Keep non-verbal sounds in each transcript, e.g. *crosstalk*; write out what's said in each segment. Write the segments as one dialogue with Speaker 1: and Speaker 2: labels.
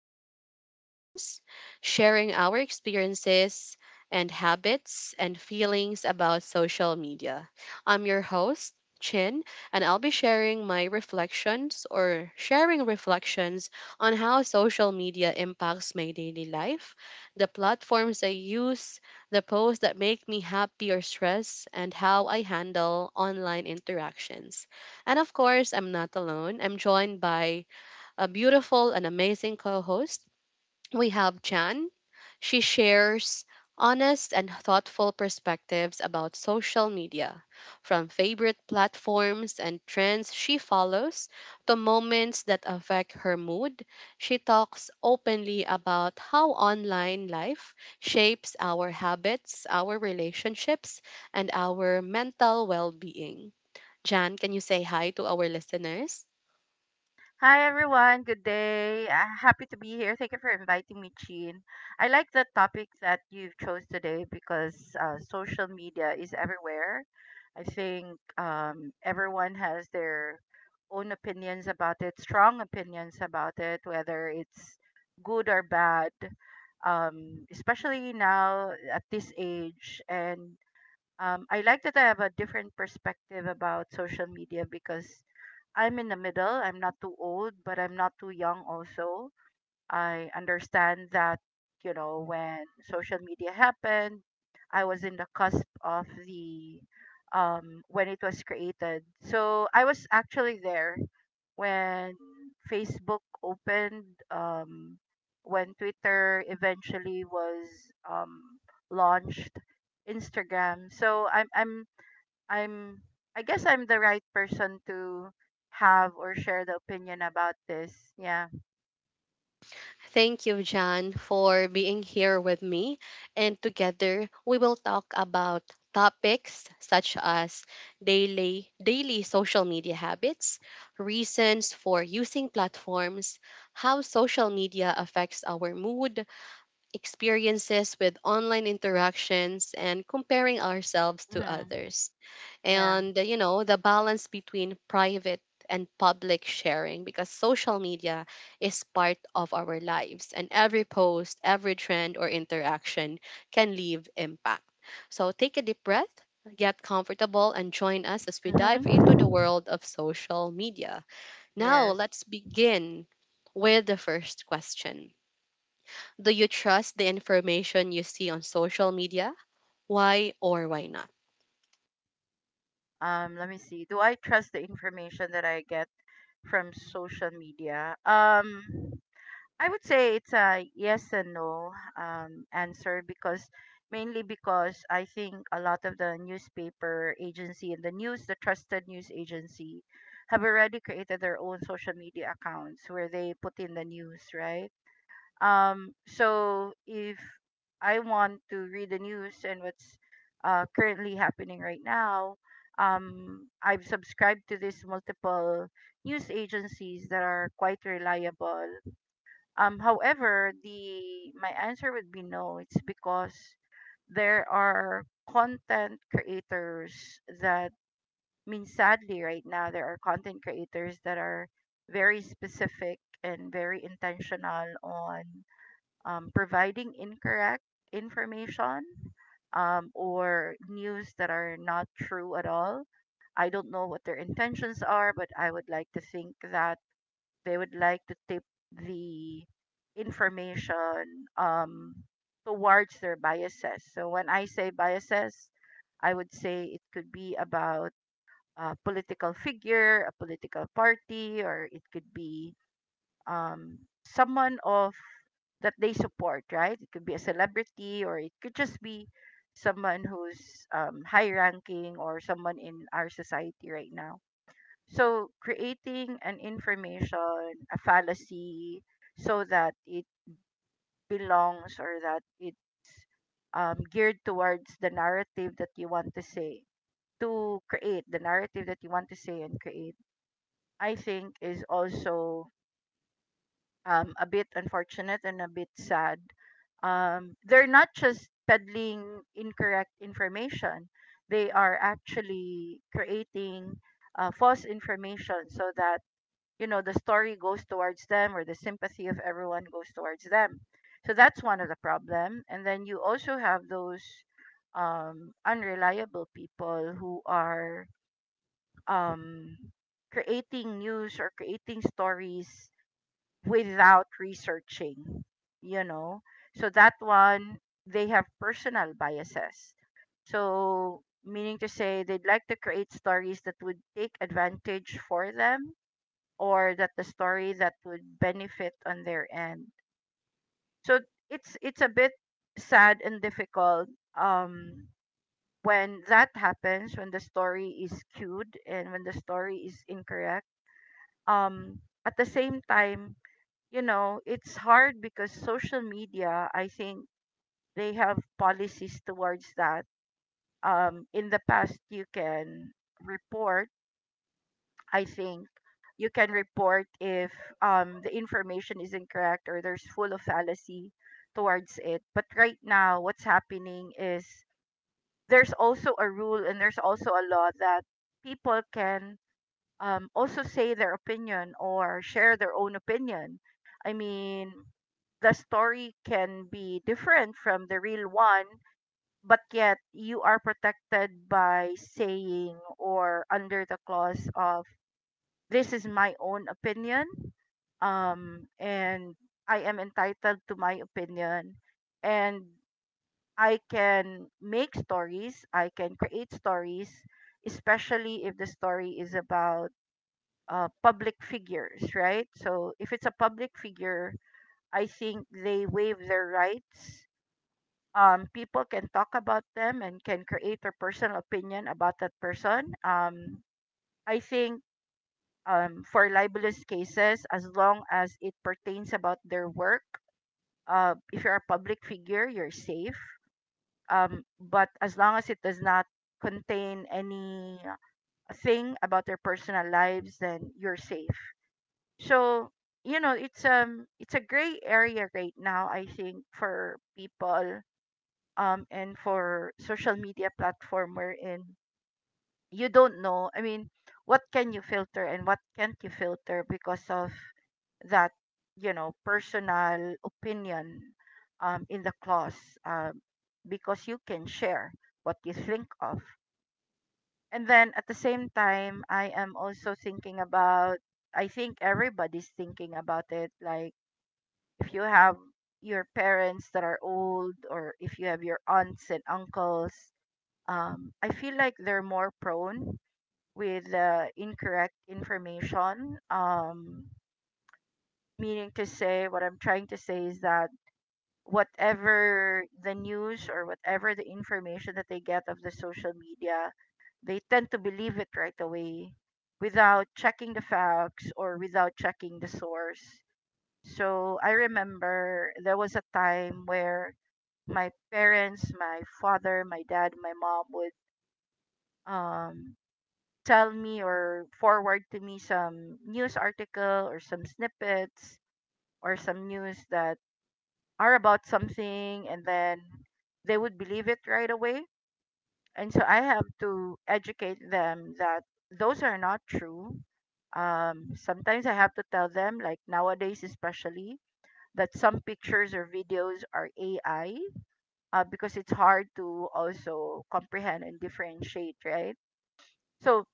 Speaker 1: honest conversations, sharing our experiences and habits and feelings about social media. I'm your host, Chin, and I'll be sharing my reflections or sharing reflections on how social media impacts my daily life, the platforms I use, the posts that make me happy or stressed, and how I handle online interactions. And of course, I'm not alone. I'm joined by a beautiful and amazing co host. We have Jan. She shares honest and thoughtful perspectives about social media, from favorite platforms and trends she follows to moments that affect her mood. She talks openly about how online life shapes our habits, our relationships, and our mental well being. Jan, can you say hi to our listeners?
Speaker 2: Hi everyone, good day. Happy to be here. Thank you for inviting me, Chin. I like the topic that you've chose today because social media is everywhere. I think everyone has their own opinions about it, strong opinions about it, whether it's good or bad. Especially now at this age, and I like that I have a different perspective about social media because I'm in the middle. I'm not too old, but I'm not too young also. I understand that, you know, when social media happened, I was in the cusp of the when it was created. So I was actually there when Facebook opened, when Twitter eventually was um launched, Instagram. So I'm I guess I'm the right person to have or share the opinion about this. Yeah.
Speaker 1: Thank you, John, for being here with me. And together, we will talk about topics such as daily social media habits, reasons for using platforms, how social media affects our mood, experiences with online interactions, and comparing ourselves to
Speaker 2: Mhm.
Speaker 1: others,
Speaker 2: Yeah.
Speaker 1: and you know, the balance between private and public sharing, because social media is part of our lives and every post, every trend or interaction can leave impact. So take a deep breath, get comfortable, and join us as we dive into the
Speaker 2: Mhm.
Speaker 1: world of social media. Now
Speaker 2: Yes.
Speaker 1: let's begin with the first question. Do you trust the information you see on social media? Why or why not?
Speaker 2: Let me see. Do I trust the information that I get from social media? I would say it's a yes and no answer because mainly because I think a lot of the newspaper agency and the news, the trusted news agency, have already created their own social media accounts where they put in the news, right? So if I want to read the news and what's currently happening right now, I've subscribed to these multiple news agencies that are quite reliable. However, the my answer would be no. It's because there are content creators that, I mean, sadly right now there are content creators that are very specific and very intentional on providing incorrect information, or news that are not true at all. I don't know what their intentions are, but I would like to think that they would like to tip the information towards their biases. So when I say biases, I would say it could be about a political figure, a political party, or it could be um, someone of that they support, right? It could be a celebrity, or it could just be someone who's high ranking or someone in our society right now, so creating an information, a fallacy, so that it belongs or that it's geared towards the narrative that you want to say, to create the narrative that you want to say and create, I think, is also a bit unfortunate and a bit sad. They're not just peddling incorrect information, they are actually creating false information so that, you know, the story goes towards them or the sympathy of everyone goes towards them. So that's one of the problem, and then you also have those unreliable people who are um, creating news or creating stories without researching, you know. So that one, they have personal biases, so meaning to say they'd like to create stories that would take advantage for them or that the story that would benefit on their end. So it's a bit sad and difficult um when that happens, when the story is skewed and when the story is incorrect. Um at the same time, you know, it's hard because social media, I think, they have policies towards that. In the past you can report, I think you can report if the information is incorrect or there's full of fallacy towards it. But right now, what's happening is there's also a rule and there's also a law that people can also say their opinion or share their own opinion. I mean, the story can be different from the real one, but yet you are protected by saying or under the clause of this is my own opinion, and I am entitled to my opinion. And I can make stories, I can create stories, especially if the story is about public figures, right? So if it's a public figure, I think they waive their rights. People can talk about them and can create their personal opinion about that person. I think for libelous cases as long as it pertains about their work. If you're a public figure, you're safe. But as long as it does not contain any thing about their personal lives, then you're safe. So, you know, it's a gray area right now. I think for people and for social media platform wherein you don't know. I mean, what can you filter and what can't you filter because of that, you know, personal opinion in the clause, um, because you can share what you think of. And then at the same time, I am also thinking about, I think everybody's thinking about it, like if you have your parents that are old or if you have your aunts and uncles, I feel like they're more prone with incorrect information. Meaning to say, what I'm trying to say is that whatever the news or whatever the information that they get of the social media, they tend to believe it right away without checking the facts or without checking the source. So I remember there was a time where my parents, my father, my dad, my mom would um, tell me or forward to me some news article or some snippets or some news that are about something, and then they would believe it right away. And so I have to educate them that those are not true. Sometimes I have to tell them, like nowadays especially, that some pictures or videos are AI, because it's hard to also comprehend and differentiate, right? So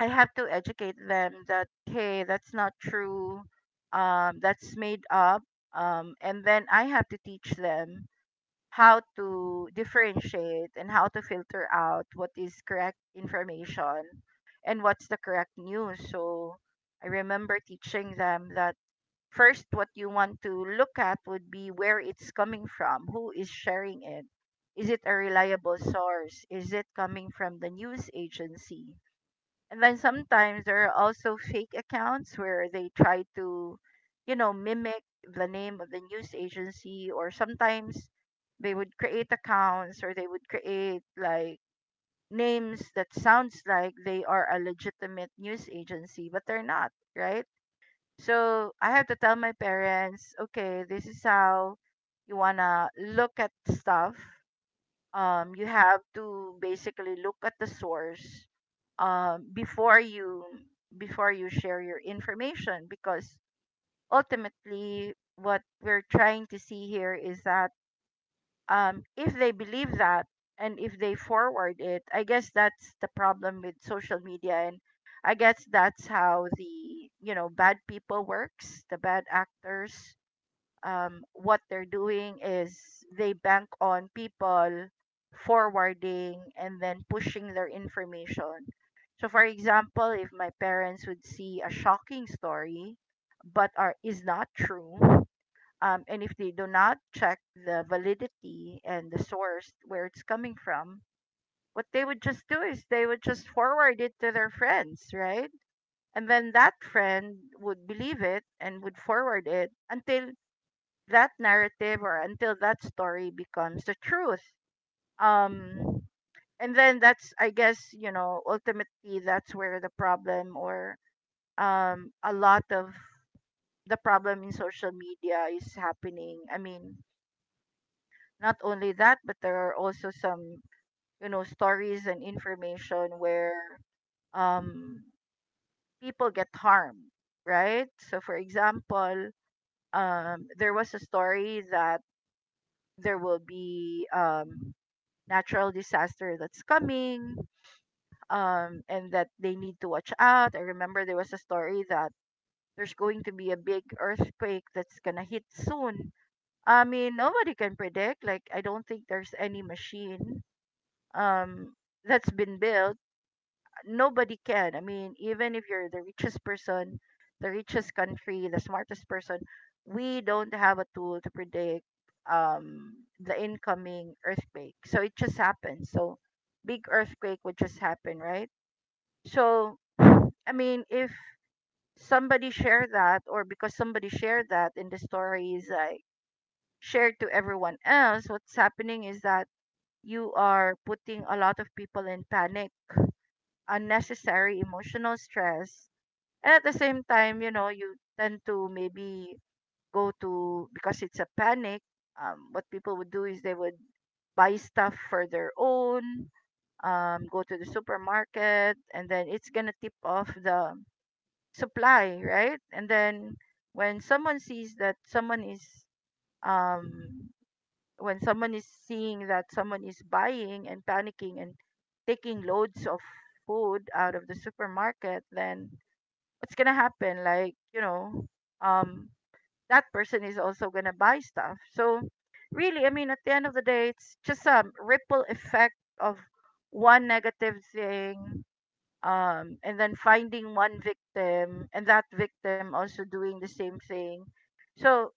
Speaker 2: I have to educate them that, hey, that's not true. That's made up. And then I have to teach them how to differentiate and how to filter out what is correct information and what's the correct news. So I remember teaching them that first, what you want to look at would be where it's coming from, who is sharing it. Is it a reliable source? Is it coming from the news agency? And then sometimes there are also fake accounts where they try to, you know, mimic the name of the news agency, or sometimes they would create accounts or they would create like names that sounds like they are a legitimate news agency, but they're not, right? So I have to tell my parents, okay, this is how you wanna look at stuff. You have to basically look at the source before you, before you share your information, because ultimately what we're trying to see here is that, if they believe that and if they forward it, I guess that's the problem with social media, and I guess that's how the, you know, bad people works, the bad actors. What they're doing is they bank on people forwarding and then pushing their information. So, for example, if my parents would see a shocking story, but are is not true, and if they do not check the validity and the source where it's coming from, what they would just do is they would just forward it to their friends, right? And then that friend would believe it and would forward it until that narrative or until that story becomes the truth. Um, and then that's, I guess, you know, ultimately that's where the problem or a lot of the problem in social media is happening. I mean, not only that, but there are also some, you know, stories and information where um, people get harmed, right? So, for example, there was a story that there will be natural disaster that's coming, and that they need to watch out. I remember there was a story that there's going to be a big earthquake that's going to hit soon. I mean, nobody can predict. Like, I don't think there's any machine um, that's been built, nobody can. I mean, even if you're the richest person, the richest country, the smartest person, we don't have a tool to predict um, the incoming earthquake. So it just happens. So big earthquake would just happen, right? So I mean, if somebody shared that, or because somebody shared that in the story is like shared to everyone else, what's happening is that you are putting a lot of people in panic, unnecessary emotional stress, and at the same time, you know, you tend to maybe go to because it's a panic. What people would do is they would buy stuff for their own, go to the supermarket, and then it's gonna tip off the supply, right? And then when someone sees that someone is um, when someone is seeing that someone is buying and panicking and taking loads of food out of the supermarket, then what's gonna happen, um that person is also gonna buy stuff. So really, I mean, at the end of the day, it's just a ripple effect of one negative thing, and then finding one victim and that victim also doing the same thing. So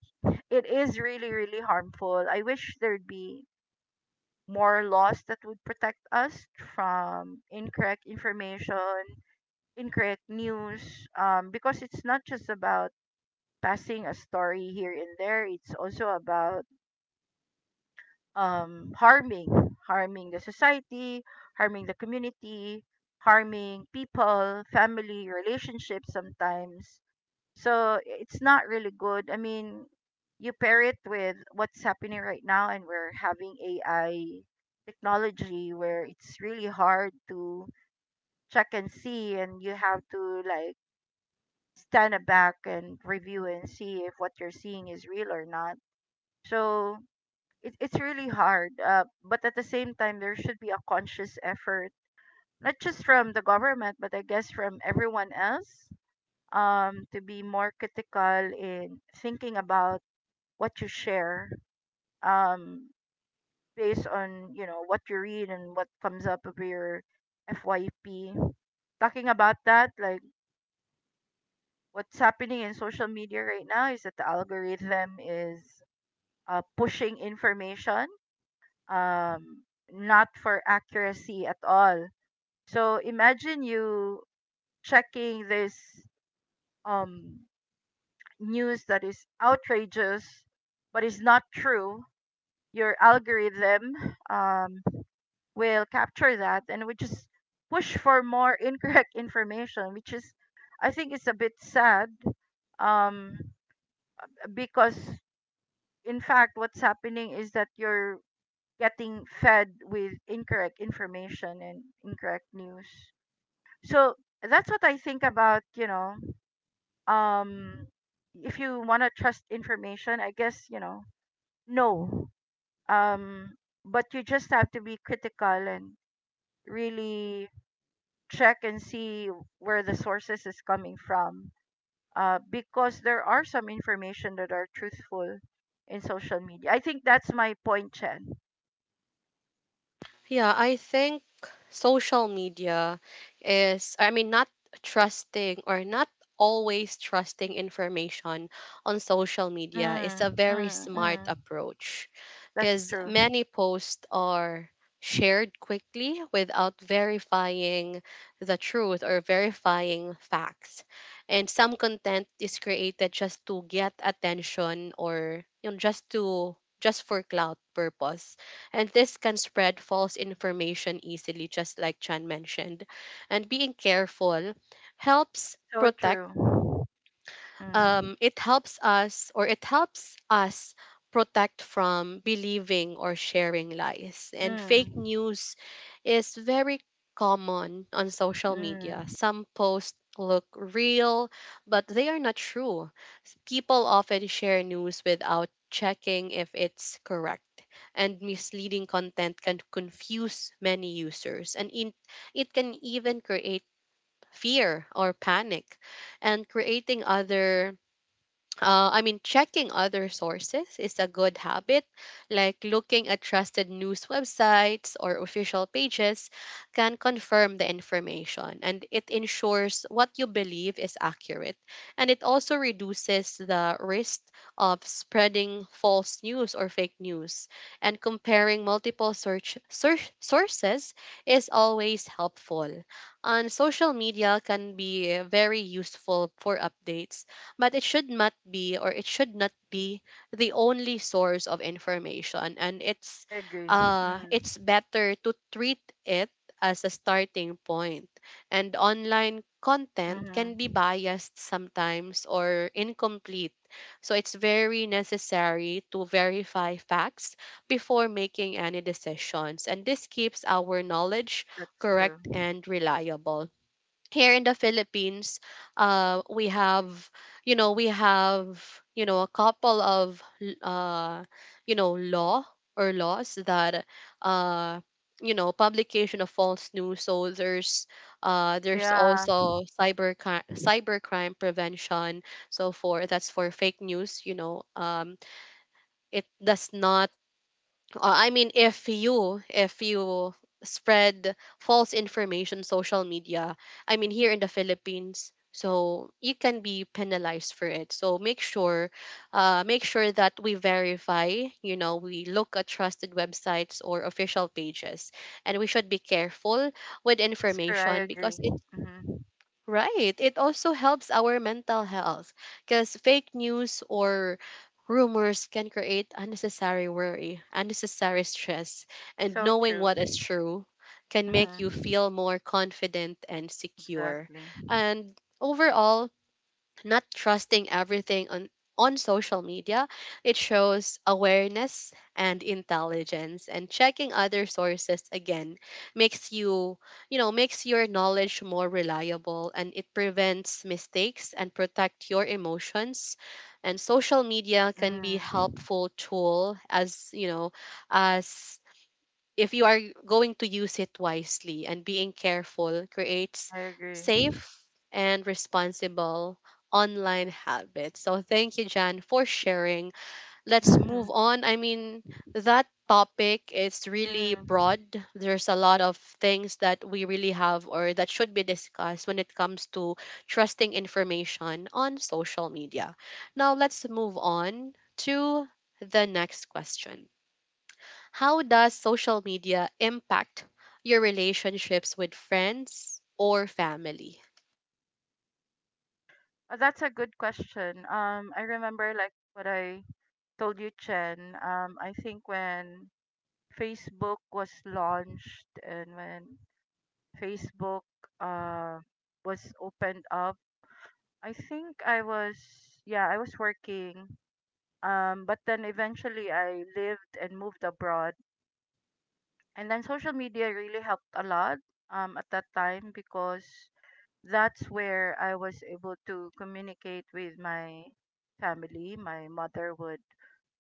Speaker 2: it is really, really harmful. I wish there'd be more laws that would protect us from incorrect information, incorrect news because it's not just about passing a story here and there. It's also about harming the society, harming the community, harming people, family, relationships sometimes. So it's not really good. I mean, you pair it with what's happening right now, and we're having AI technology where it's really hard to check and see, and you have to like stand back and review and see if what you're seeing is real or not. So it's really hard. But at the same time, there should be a conscious effort, not just from the government, but I guess from everyone else, to be more critical in thinking about what you share, um, based on, you know, what you read and what comes up of your FYP. Talking about that, like what's happening in social media right now is that the algorithm is pushing information, um, not for accuracy at all. So imagine you checking this um, news that is outrageous but is not true. Your algorithm um, will capture that and will just push for more *laughs* incorrect information, which is, I think, it's a bit sad um, because, in fact, what's happening is that you're getting fed with incorrect information and incorrect news. So that's what I think about, you know. um if you want to trust information, I guess, you know, no. Um but you just have to be critical and really check and see where the sources is coming from. Because there are some information that are truthful in social media. I think that's my point, Chen.
Speaker 1: Yeah, I think social media is, I mean, not trusting or not always trusting information on social media is
Speaker 2: Mm,
Speaker 1: a very
Speaker 2: mm,
Speaker 1: smart
Speaker 2: mm.
Speaker 1: approach,
Speaker 2: That's
Speaker 1: because
Speaker 2: true.
Speaker 1: many posts are shared quickly without verifying the truth or verifying facts. And some content is created just to get attention, or you know, just to just for cloud purpose, and this can spread false information easily, just like Chan mentioned. And being careful helps
Speaker 2: So
Speaker 1: protect,
Speaker 2: true. Mm,
Speaker 1: it helps us or it helps us protect from believing or sharing lies. And fake
Speaker 2: mm,
Speaker 1: news is very common on social media.
Speaker 2: mm.
Speaker 1: Some posts look real, but they are not true. People often share news without checking if it's correct. And misleading content can confuse many users, and in, it can even create fear or panic, and creating other I mean, checking other sources is a good habit. Like looking at trusted news websites or official pages can confirm the information, and it ensures what you believe is accurate. And it also reduces the risk of spreading false news or fake news. And comparing multiple search sources is always helpful. And social media can be very useful for updates, but it should not be or it should not be the only source of information, and
Speaker 2: I agree. Mm.
Speaker 1: it's better to treat it as a starting point. And online content can be
Speaker 2: Mm-hmm.
Speaker 1: biased sometimes or incomplete, so it's very necessary to verify facts before making any decisions, and this keeps our knowledge
Speaker 2: That's
Speaker 1: correct
Speaker 2: true.
Speaker 1: and reliable. Here in the Philippines, we have, you know, we have, you know, a couple of, uh, you know, law or laws that, uh, you know, publication of false news. So there's
Speaker 2: Yeah,
Speaker 1: also cybercrime prevention. So for that's for fake news. You know, it does not I mean, if you spread false information, social media. I mean, here in the Philippines, so you can be penalized for it. So make sure that we verify. You know, we look at trusted websites or official pages, and we should be careful with
Speaker 2: that's true. I
Speaker 1: information because
Speaker 2: agree.
Speaker 1: it.
Speaker 2: Mm-hmm.
Speaker 1: Right. It also helps our mental health, because fake news or rumors can create unnecessary worry, unnecessary stress, and
Speaker 2: So
Speaker 1: knowing
Speaker 2: true.
Speaker 1: what is true can make you
Speaker 2: Mm-hmm.
Speaker 1: feel more confident and secure.
Speaker 2: Exactly.
Speaker 1: And overall, not trusting everything on social media, it shows awareness and intelligence, and checking other sources again makes you, you know, makes your knowledge more reliable, and it prevents mistakes and protect your emotions. And social media can be
Speaker 2: Mm.
Speaker 1: helpful tool, as you know, as if you are going to use it wisely, and being careful creates
Speaker 2: I agree.
Speaker 1: safe and responsible online habits. So thank you, Jan, for sharing. Let's move
Speaker 2: *laughs*
Speaker 1: on. I mean, that topic is really
Speaker 2: Mm-hmm.
Speaker 1: broad. There's a lot of things that we really have or that should be discussed when it comes to trusting information on social media. Now let's move on to the next question. How does social media impact your relationships with friends or family?
Speaker 2: Oh, that's a good question. I remember like what I told you, Chen. I think when Facebook was launched and when Facebook uh was opened up, I think I was yeah, I was working. But then eventually I lived and moved abroad. And then social media really helped a lot at that time because that's where I was able to communicate with my family. My mother would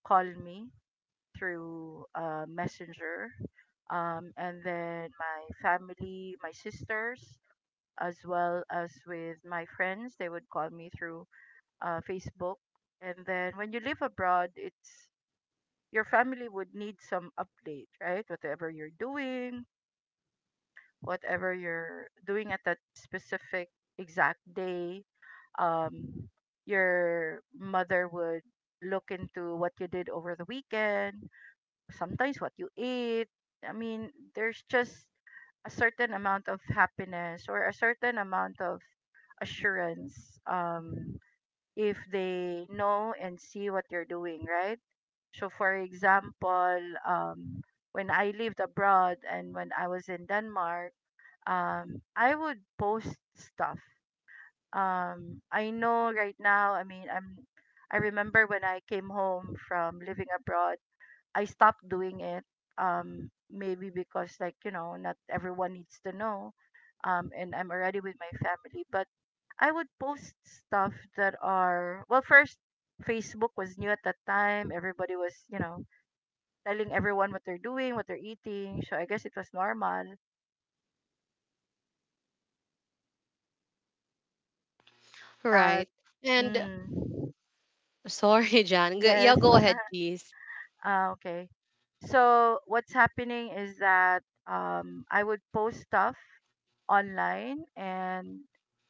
Speaker 2: call me through Messenger. And then my family, my sisters, as well as with my friends, they would call me through Facebook. And then when you live abroad, it's your family would need some update, right? Whatever you're doing at that specific exact day, um, your mother would look into what you did over the weekend, sometimes what you ate. I mean, there's just a certain amount of happiness or a certain amount of assurance, if they know and see what you're doing, right? So, for example, um, when I lived abroad and when I was in Denmark, I would post stuff. I know right now, I mean, I'm, I remember when I came home from living abroad, I stopped doing it. Maybe because, like, you know, not everyone needs to know. And I'm already with my family, but I would post stuff that are well. First, Facebook was new at that time. Everybody was, you know, telling everyone what they're doing, what they're eating. So I guess it was normal. But for me, what I was doing is that
Speaker 1: Right. And
Speaker 2: mm,
Speaker 1: sorry, *laughs* Jan. Yeah,
Speaker 2: yes.
Speaker 1: go ahead,
Speaker 2: *laughs*
Speaker 1: please.
Speaker 2: Ah, okay. So what's happening is that I would post stuff online, and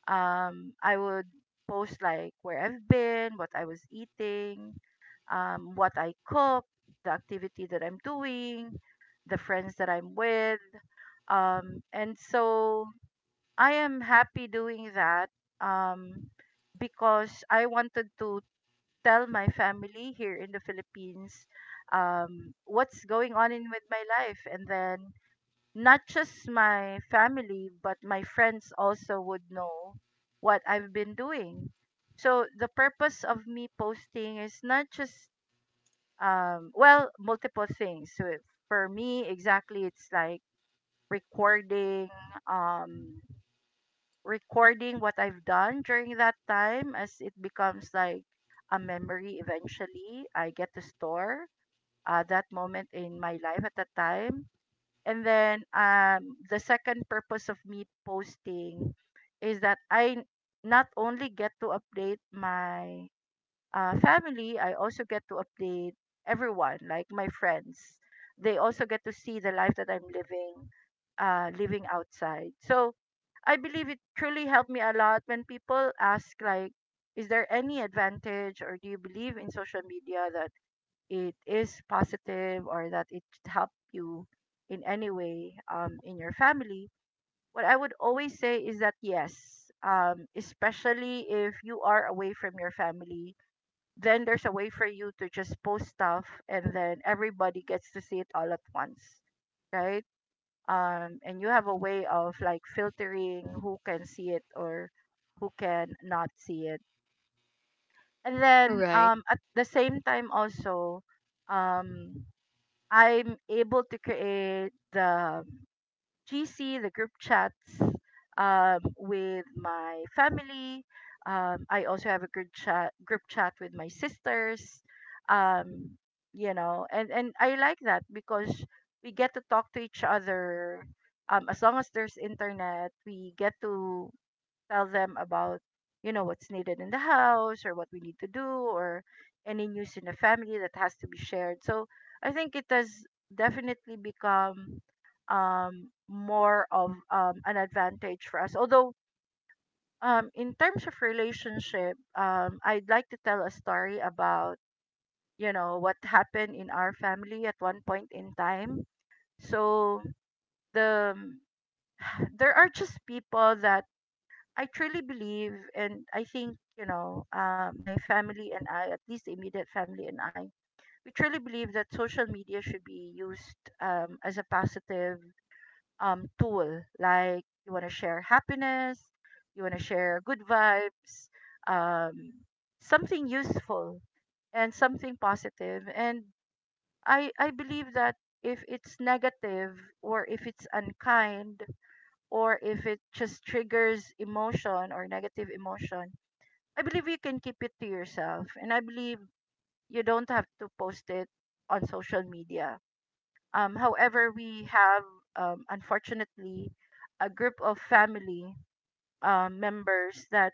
Speaker 2: I would post like where I've been, what I was eating, what I cook, the activity that I'm doing, the friends that I'm with. And so I am happy doing that, um, because I wanted to tell my family here in the Philippines what's going on in with my life, and then not just my family but my friends also would know what I've been doing. So the purpose of me posting is not just well, multiple things. So it- for me, exactly, it's like recording um, recording what I've done during that time as it becomes like a memory eventually. I get to store, that moment in my life at that time. And then the second purpose of me posting is that I not only get to update my family, I also get to update everyone, like my friends. They also get to see the life that I'm living, living outside. So I believe it truly helped me a lot when people ask like, is there any advantage or do you believe in social media that it is positive or that it helped you in any way, in your family? What I would always say is that yes, especially if you are away from your family, then there's a way for you to just post stuff and then everybody gets to see it all at once, right? And you have a way of like filtering who can see it or who can not see it. And then
Speaker 1: Right.
Speaker 2: at the same time also, um, I'm able to create the GC, the group chats, with my family. I also have a group chat with my sisters. Um, you know, and I like that because we get to talk to each other. As long as there's internet, we get to tell them about, you know, what's needed in the house or what we need to do or any news in the family that has to be shared. So I think it has definitely become more of an advantage for us, although in terms of relationship, I'd like to tell a story about, you know, what happened in our family at one point in time. So the there are just people that I truly believe, and I think, you know, my family and I, at least the immediate family and I, we truly believe that social media should be used, as a positive tool. Like, you want to share happiness, you want to share good vibes, um, something useful and something positive. And I believe that if it's negative or if it's unkind or if it just triggers emotion or negative emotion, I believe you can keep it to yourself, and I believe you don't have to post it on social media. However, we have, unfortunately, a group of family members that,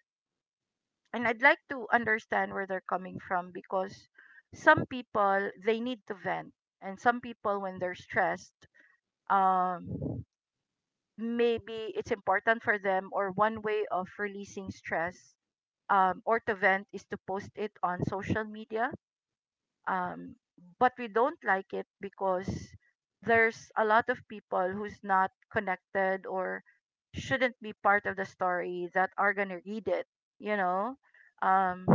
Speaker 2: and I'd like to understand where they're coming from because some people they need to vent, and some people when they're stressed, um, maybe it's important for them or one way of releasing stress, or to vent is to post it on social media, um, but we don't like it because there's a lot of people who's not connected or shouldn't be part of the story that are gonna read it, you know. um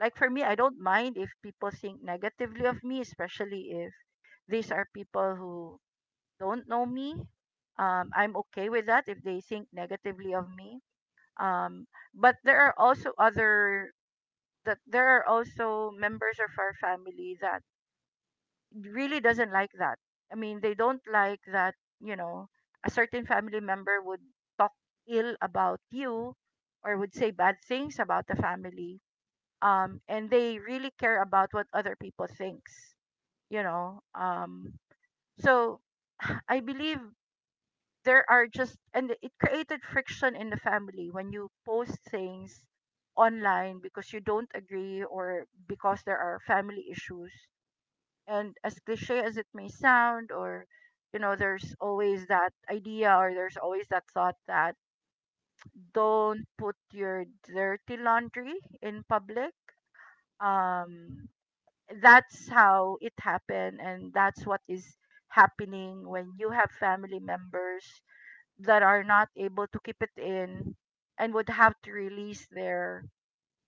Speaker 2: like, for me, I don't mind if people think negatively of me, especially if these are people who don't know me. I'm okay with that if they think negatively of me. um but there are also other that there are also members of our family that really doesn't like that. I mean, they don't like that, you know, a certain family member would talk ill about you or would say bad things about the family. And they really care about what other people thinks, you know. So *sighs* I believe there are just and it created friction in the family when you post things online because you don't agree or because there are family issues, and as cliche as it may sound, or you know, there's always that idea or there's always that thought that don't put your dirty laundry in public. um that's how it happened, and that's what is happening when you have family members that are not able to keep it in and would have to release their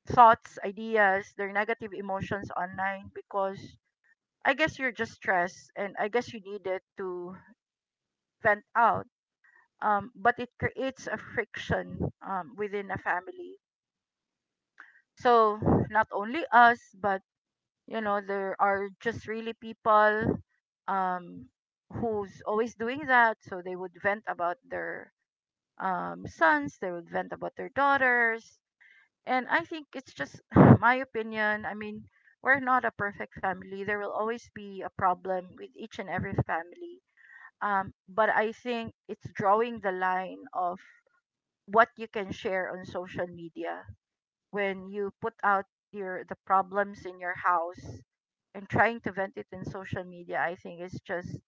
Speaker 2: thoughts, ideas, their negative emotions online because I guess you're just stressed and I guess you need it to vent out. But it creates a friction within a family. So not only us, but you know, there are just really people, um, who's always doing that. So they would vent about their sons, they would vent about their daughters. And I think it's just *sighs* my opinion. I mean, we're not a perfect family. There will always be a problem with each and every family, but I think it's drawing the line of what you can share on social media. When you put out your the problems in your house and trying to vent it in social media, I think it's just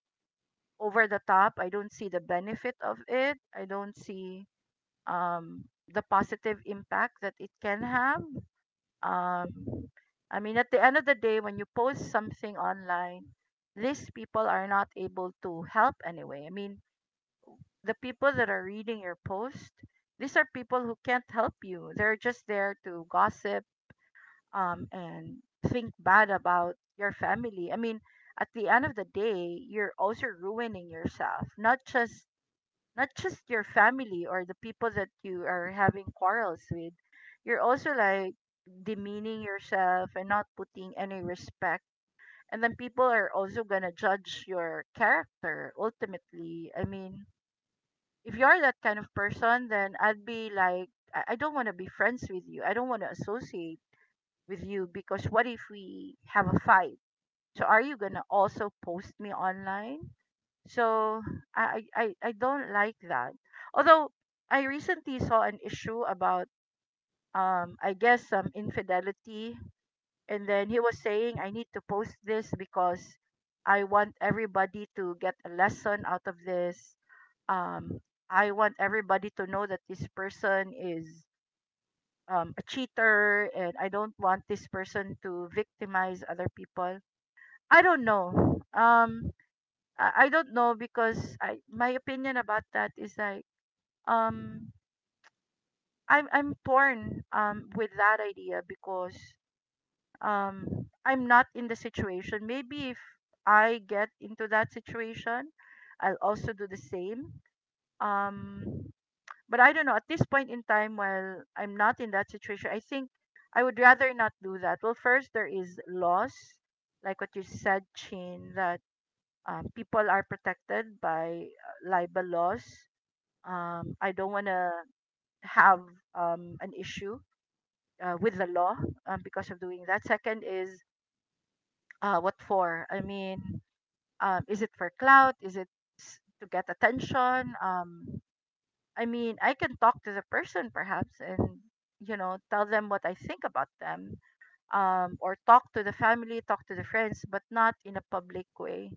Speaker 2: over the top. I don't see the benefit of it. I don't see um, the positive impact that it can have. Um, I mean, at the end of the day, when you post something online, these people are not able to help anyway. I mean, the people that are reading your post, these are people who can't help you. They're just there to gossip and think bad about your family. I mean, at the end of the day, you're also ruining yourself, not just your family or the people that you are having quarrels with. You're also like demeaning yourself and not putting any respect. And then people are also gonna judge your character ultimately. I mean, if you're that kind of person, then I'd be like, I don't want to be friends with you. I don't want to associate with you because what if we have a fight? So are you gonna also post me online? So I don't like that. Although I recently saw an issue about I guess some infidelity, and then he was saying, I need to post this because I want everybody to get a lesson out of this. um I want everybody to know that this person is a cheater, and I don't want this person to victimize other people. I don't know. I don't know because I my opinion about that is like um I'm torn with that idea because I'm not in the situation. Maybe if I get into that situation, I'll also do the same. Um but I don't know, at this point in time while I'm not in that situation, I think I would rather not do that. Well, first there is laws, like what you said, Chin, that people are protected by libel laws. I don't want to have an issue with the law because of doing that. Second is, what for? I mean, is it for clout? Is it to get attention? I mean, I can talk to the person perhaps and, you know, tell them what I think about them, or talk to the family, talk to the friends, but not in a public way.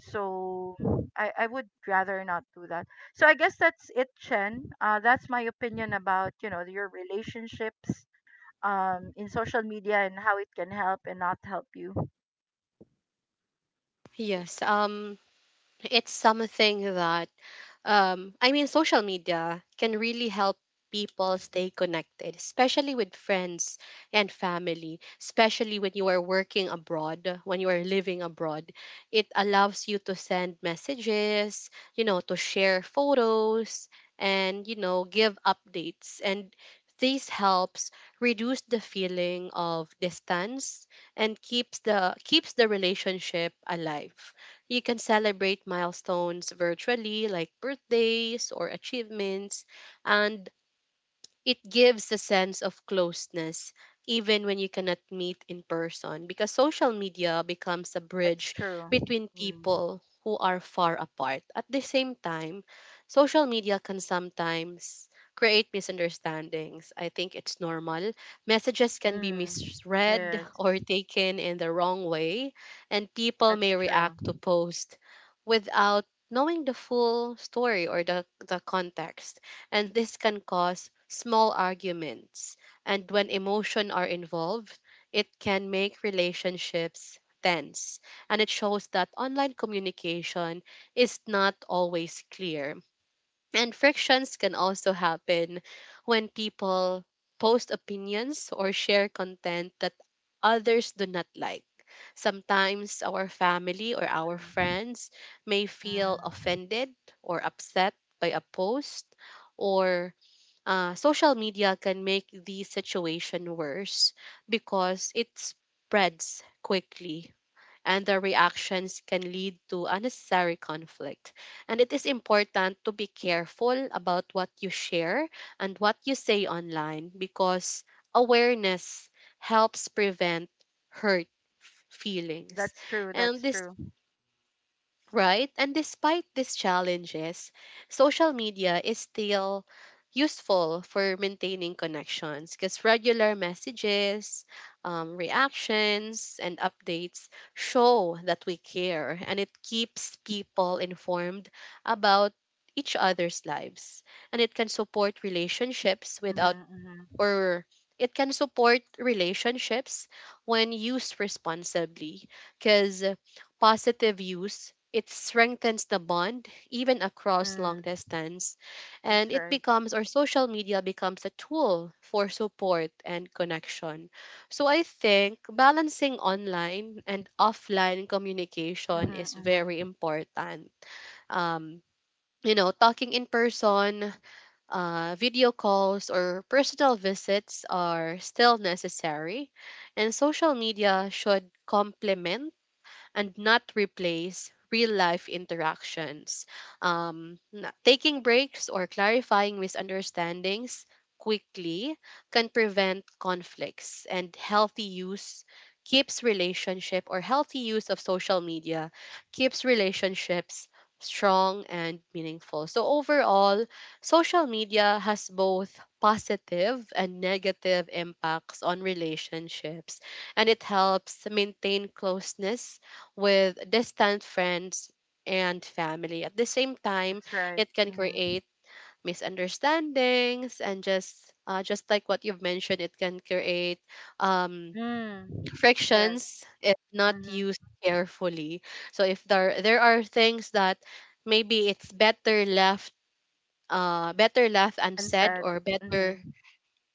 Speaker 2: So I would rather not do that. So I guess that's it, Chen. That's my opinion about, you know, your relationships in social media and how it can help and not help you.
Speaker 1: Yes. It's something that I mean, social media can really help people stay connected, especially with friends and family, especially when you are working abroad, when you are living abroad. It allows you to send messages, you know, to share photos, and you know, give updates, and this helps reduce the feeling of distance and keeps the relationship alive. You can celebrate milestones virtually, like birthdays or achievements, and it gives a sense of closeness even when you cannot meet in person, because social media becomes a
Speaker 2: That's
Speaker 1: bridge
Speaker 2: true.
Speaker 1: between
Speaker 2: Mm.
Speaker 1: people who are far apart. At the same time, social media can sometimes create misunderstandings. I think it's normal. Messages can be
Speaker 2: Mm.
Speaker 1: misread
Speaker 2: Yes,
Speaker 1: or taken in the wrong way, and people
Speaker 2: that's
Speaker 1: may
Speaker 2: true.
Speaker 1: react to posts without knowing the full story or the context, and this can cause small arguments. And when emotion are involved, it can make relationships tense. And it shows that online communication is not always clear, and frictions can also happen when people post opinions or share content that others do not like. Sometimes our family or our
Speaker 2: Mm.
Speaker 1: friends may feel
Speaker 2: Mm.
Speaker 1: offended or upset by a post, or social media can make the situation worse because it spreads quickly, and the reactions can lead to unnecessary conflict. And it is important to be careful about what you share and what you say online, because awareness helps prevent hurt feelings.
Speaker 2: That's true.
Speaker 1: And
Speaker 2: That's
Speaker 1: this
Speaker 2: true.
Speaker 1: Right? And despite these challenges, social media is still useful for maintaining connections, because regular messages, reactions, and updates show that we care, and it keeps people informed about each other's lives. And it can support relationships
Speaker 2: Mm-hmm,
Speaker 1: without
Speaker 2: mm-hmm.
Speaker 1: or it can support relationships when used responsibly, because positive use, it strengthens the bond even across long
Speaker 2: Mm.
Speaker 1: distance, and
Speaker 2: That's
Speaker 1: it
Speaker 2: right.
Speaker 1: becomes or social media becomes a tool for support and connection. So I think balancing online and offline
Speaker 2: Mm-hmm,
Speaker 1: communication is
Speaker 2: mm-hmm.
Speaker 1: very important. um you know, talking in person, video calls or personal visits are still necessary, and social media should complement and not replace real life interactions. Taking breaks or clarifying misunderstandings quickly can prevent conflicts, and healthy use keeps relationship or healthy use of social media keeps relationships strong and meaningful. So overall, social media has both positive and negative impacts on relationships, and it helps maintain closeness with distant friends and family. At the same time,
Speaker 2: That's right.
Speaker 1: it can
Speaker 2: Mm-hmm.
Speaker 1: create misunderstandings, and just like what you've mentioned, it can create um,
Speaker 2: Mm. Yes.
Speaker 1: frictions if not
Speaker 2: Mm-hmm.
Speaker 1: used carefully. So if there are things that maybe it's better left unsaid,
Speaker 2: Unsaid.
Speaker 1: or better
Speaker 2: Mm-hmm.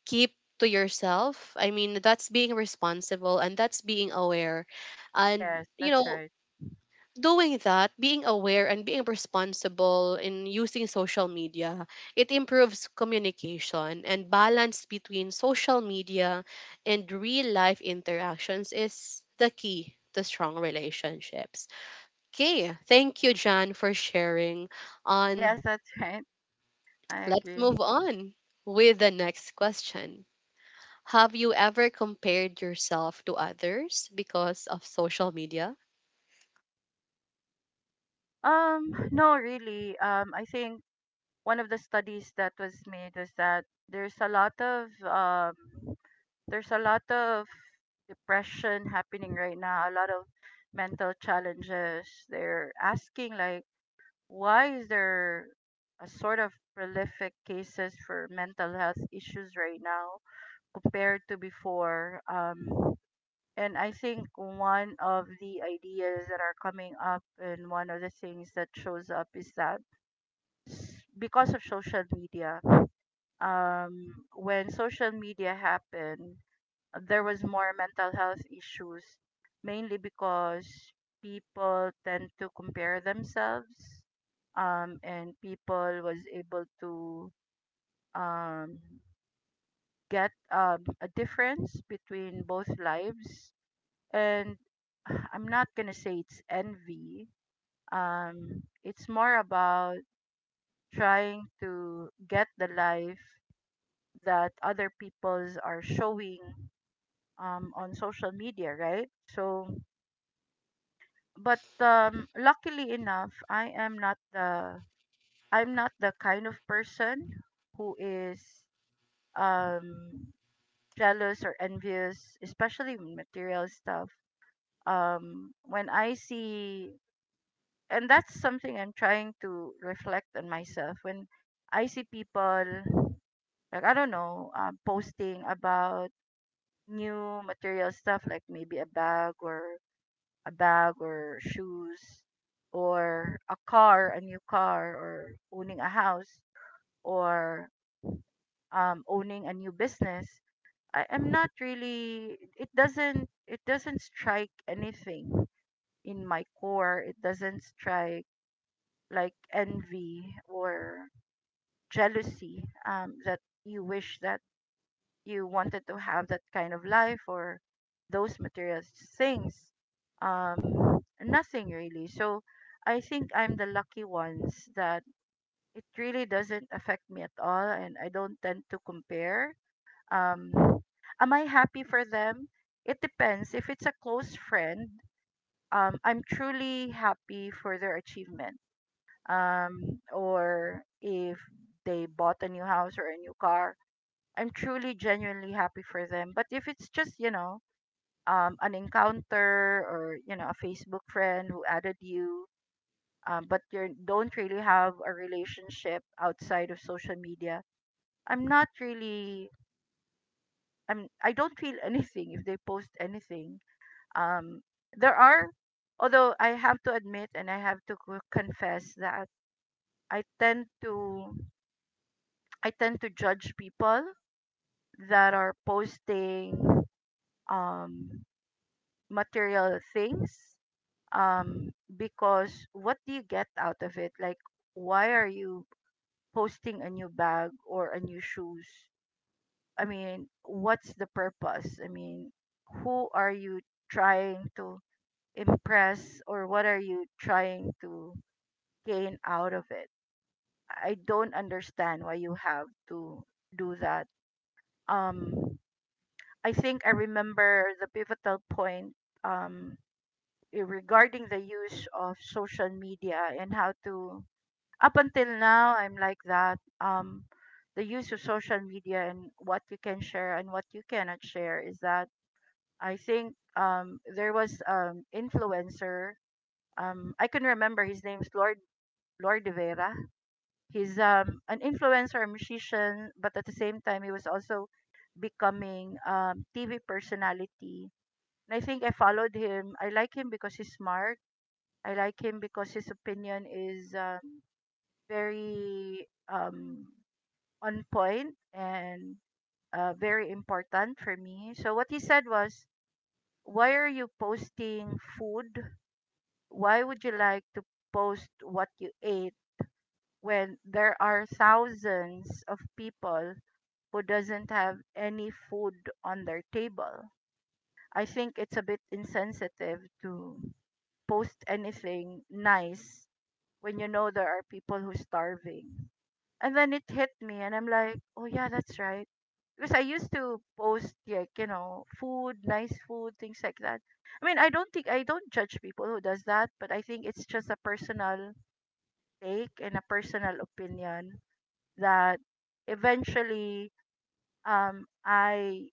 Speaker 1: keep to yourself. I mean, that's being responsible and that's being aware. And
Speaker 2: Yes,
Speaker 1: you
Speaker 2: that's
Speaker 1: know,
Speaker 2: right.
Speaker 1: doing that, being aware and being responsible in using social media, it improves communication, and balance between social media and real life interactions is the key to strong relationships. Okay, thank you, Jan, for sharing.
Speaker 2: Yes,
Speaker 1: On
Speaker 2: that's *laughs* right. I
Speaker 1: Let's
Speaker 2: agree.
Speaker 1: move on with the next question. Have you ever compared yourself to others because of social media?
Speaker 2: No, really. I think one of the studies that was made was that there's a lot of there's a lot of depression happening right now. A lot of mental challenges. They're asking like, why is there a sort of prolific cases for mental health issues right now compared to before? And I think one of the ideas that are coming up and one of the things that shows up is that because of social media, when social media happened, there was more mental health issues, mainly because people tend to compare themselves, and people was able to um, get a difference between both lives and *sighs* I'm not gonna say it's envy. It's more about trying to get the life that other people's are showing on social media, right? So, but luckily enough, I'm not the kind of person who is um, jealous or envious, especially with material stuff. When I see, and that's something I'm trying to reflect on myself, when I see people, like I don't know, posting about new material stuff like maybe a bag or shoes, or a new car, or owning a house, or owning a new business. I am not really, it doesn't strike anything in my core. It doesn't strike like envy or jealousy, that you wish that you wanted to have that kind of life or those material things, nothing really. So I think I'm the lucky ones that it really doesn't affect me at all, and I don't tend to compare. um, am I happy for them? It depends. If it's a close friend, I'm truly happy for their achievement. Or if they bought a new house or a new car, I'm truly genuinely happy for them. But if it's just, you know, an encounter, or, you know, a Facebook friend who added you, but you don't really have a relationship outside of social media, I'm not really I don't feel *laughs* anything if they post anything. Um there are, although I have to admit and I have to confess that I tend to I tend to judge people that are posting um material things, um because what do you get out of it? Like, why are you posting a new bag or a new shoes? I mean, what's the purpose? I mean, who are you trying to impress, or what are you trying to gain out of it? I don't understand why you have to do that. um I think I remember the pivotal point, um regarding the use of social media and how to, up until now I'm like that, the use of social media and what you can share and what you cannot share, is that I think there was influencer, I can remember his name's Lord De Vera. He's an influencer, a musician, but at the same time he was also becoming TV personality. And I think I followed him, I like him because he's smart, I like him because his opinion is very on point and very important for me. So what he said was, "Why are you posting food? Why would you like to post what you ate when there are thousands of people who doesn't have any food on their table?" I think it's a bit insensitive to post anything nice when you know there are people who's starving. And then it hit me, and I'm like, oh yeah, that's right. Because I used to post like, you know, food, nice food, things like that. I mean, I don't judge people who does that, but I think it's just a personal take and a personal opinion that eventually I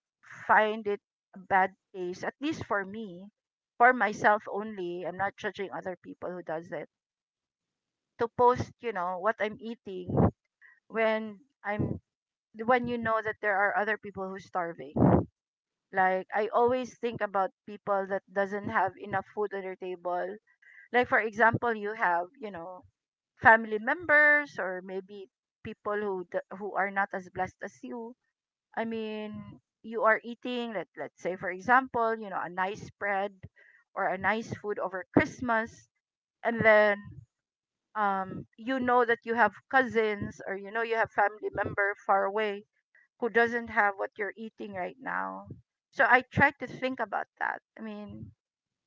Speaker 2: find it a bad taste, at least for me, for myself only. I'm not judging other people who does it, to post, you know, what I'm eating when I'm when you know that there are other people who's starving. Like I always think about people that doesn't have enough food on their table. Like for example, you have, you know, family members, or maybe people who who are not as blessed as you. I mean, you are eating, let's say for example, you know, a nice spread or a nice food over Christmas, and then you know that you have cousins, or you know you have family member far away who doesn't have what you're eating right now. So I try to think about that. I mean,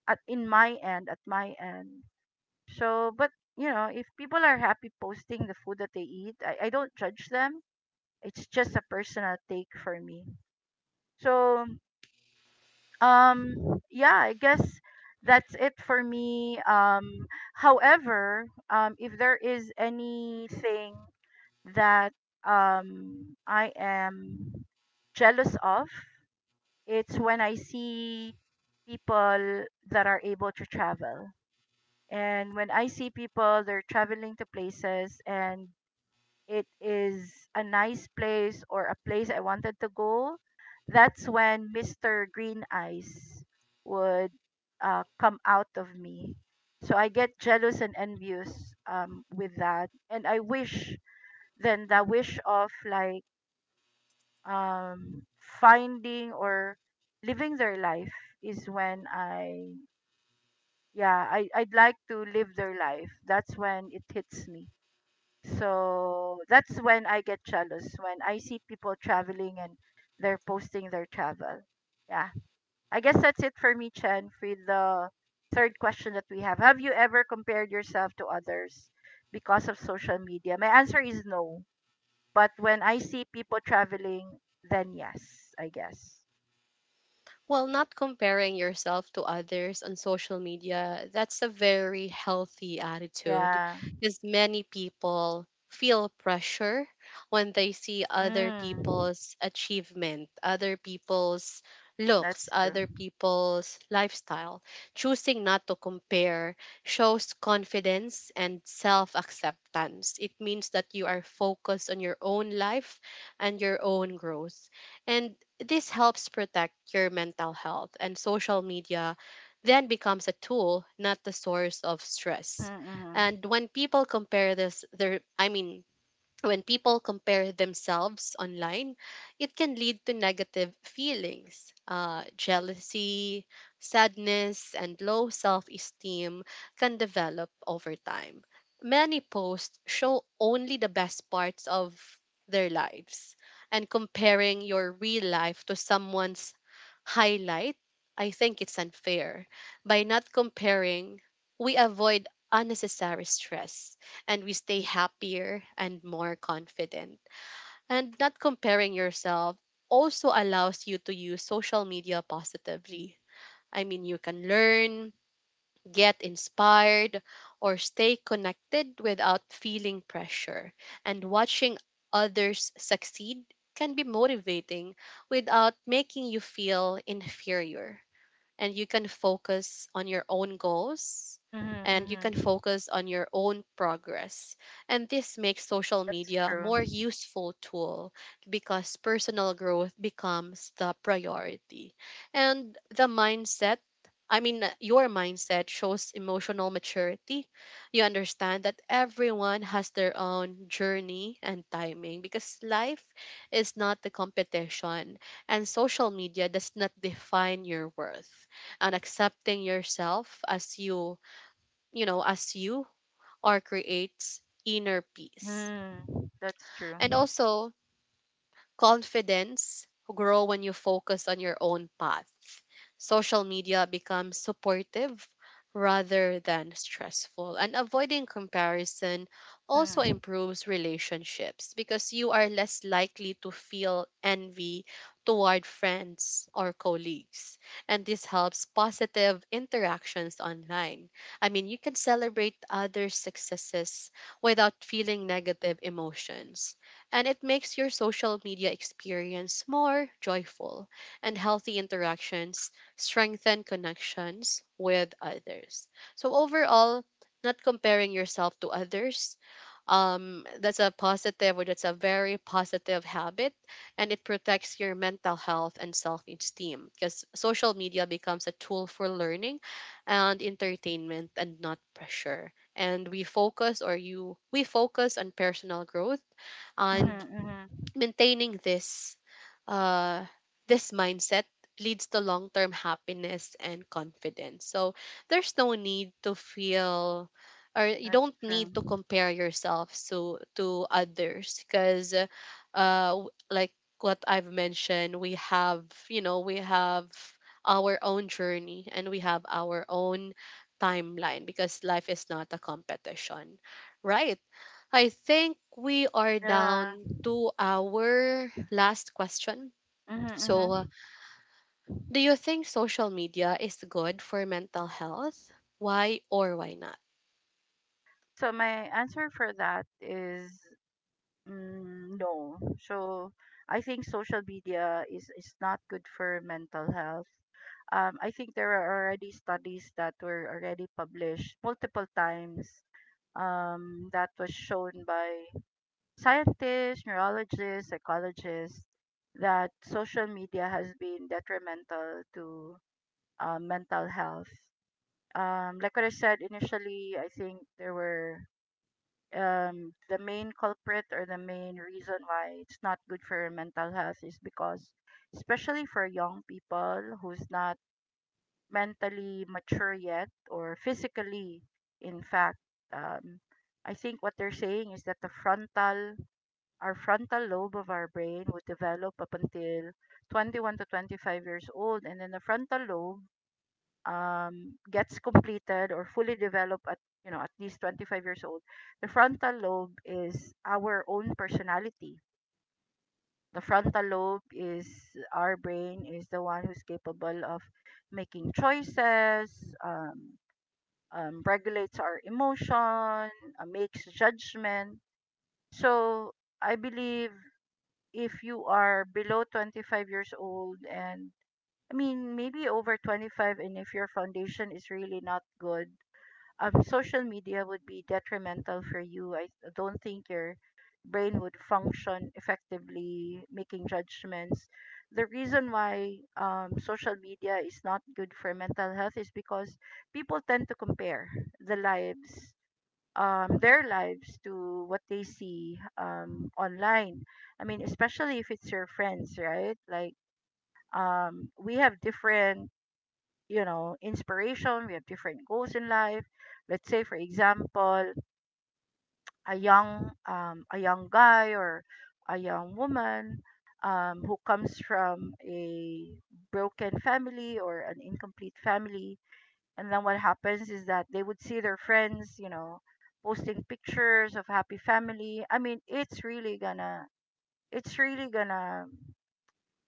Speaker 2: at in my end, at my end. So, but you know, if people are happy posting the food that they eat, I don't judge them. It's just a personal take for me. So, um, yeah, I guess that's it for me. However, if there is anything that I am jealous of, it's when I see people that are able to travel. And when I see people, they're traveling to places and it is a nice place or a place I wanted to go, that's when Mr. Green Eyes would come out of me. So I get jealous and envious with that. And I wish, then the wish of like um finding or living their life, is when I yeah, I'd like to live their life, that's when it hits me. So that's when I get jealous, when I see people traveling and they're posting their travel. Yeah, I guess that's it for me, Chen, for the third question that we have you ever compared yourself to others because of social media? My answer is no, but when I see people traveling, then yes, I guess.
Speaker 1: Well, not comparing yourself to others on social media, that's a very healthy attitude,
Speaker 2: Yeah.
Speaker 1: because many people feel pressure when they see other
Speaker 2: Mm.
Speaker 1: people's achievement, other people's looks,
Speaker 2: That's
Speaker 1: other
Speaker 2: true.
Speaker 1: people's lifestyle. Choosing not to compare shows confidence and self acceptance. It means that you are focused on your own life and your own growth. And this helps protect your mental health, and social media then becomes a tool, not the source of stress.
Speaker 2: Mm-hmm, mm-hmm.
Speaker 1: And when people compare this, their I mean, when people compare themselves online, it can lead to negative feelings. Jealousy, sadness, and low self esteem can develop over time. Many posts show only the best parts of their lives, and comparing your real life to someone's highlight, I think it's unfair. By not comparing, we avoid unnecessary stress, and we stay happier and more confident. And not comparing yourself also allows you to use social media positively. I mean, you can learn, get inspired, or stay connected without feeling pressure. And watching others succeed can be motivating without making you feel inferior, and you can focus on your own goals
Speaker 2: Mm-hmm,
Speaker 1: and you can
Speaker 2: mm-hmm.
Speaker 1: focus on your own progress, and this makes social
Speaker 2: That's
Speaker 1: media a
Speaker 2: true.
Speaker 1: more useful tool because personal growth becomes the priority and the mindset I mean, your mindset shows emotional maturity. You understand that everyone has their own journey and timing because life is not the competition, and social media does not define your worth, and accepting yourself as you are creates inner peace.
Speaker 2: Mm. That's
Speaker 1: And
Speaker 2: true.
Speaker 1: also, confidence grow when you focus on your own path. Social media becomes supportive rather than stressful. And avoiding comparison also
Speaker 2: Mm-hmm.
Speaker 1: improves relationships because you are less likely to feel envy toward friends or colleagues. And this helps positive interactions online. I mean, you can celebrate others' successes without feeling negative emotions, and it makes your social media experience more joyful, and healthy interactions strengthen connections with others. So overall, not comparing yourself to others, that's a very positive habit, and it protects your mental health and self-esteem because social media becomes a tool for learning and entertainment and not pressure, and we focus on personal growth
Speaker 2: Mm-hmm,
Speaker 1: and
Speaker 2: mm-hmm.
Speaker 1: maintaining uh this mindset leads to long-term happiness and confidence. So there's no need to feel or you
Speaker 2: That's
Speaker 1: don't need to
Speaker 2: true.
Speaker 1: compare yourself to others because like what I've mentioned, we have our own journey, and we have our own timeline because life is not a competition, right? I think we are
Speaker 2: Yeah.
Speaker 1: down to our last question.
Speaker 2: Mm-hmm,
Speaker 1: So,
Speaker 2: mm-hmm.
Speaker 1: do you think social media is good for mental health? Why or why not?
Speaker 2: So my answer for that is mm, no. So I think social media is, not good for mental health. I think there are already studies that were already published multiple times that was shown by scientists, neurologists, psychologists, that social media has been detrimental to mental health. Like what I said initially, I think there were the main culprit or the main reason why it's not good for your mental health is because, especially for young people who's not mentally mature yet or physically, in fact, um, I think what they're saying is that the frontal our frontal lobe of our brain would develop up until 21 to 25 years old, and then the frontal lobe gets completed or fully developed at, you know, at least 25 years old. The frontal lobe is our own personality. The frontal lobe is Our brain is the one who's capable of making choices, um, regulates our emotion, makes judgment. So I believe if you are below 25 years old and, I mean, maybe over 25 and if your foundation is really not good, social media would be detrimental for you. I don't think your brain would function effectively making judgments. The reason why social media is not good for mental health is because people tend to compare the lives their lives to what they see online. I mean, especially if it's your friends, right? Like, we have different, you know, inspiration. We have different goals in life. Let's say, for example, a young guy or a young woman who comes from a broken family or an incomplete family, and then what happens is that they would see their friends, you know, posting pictures of happy family. I mean, it's really gonna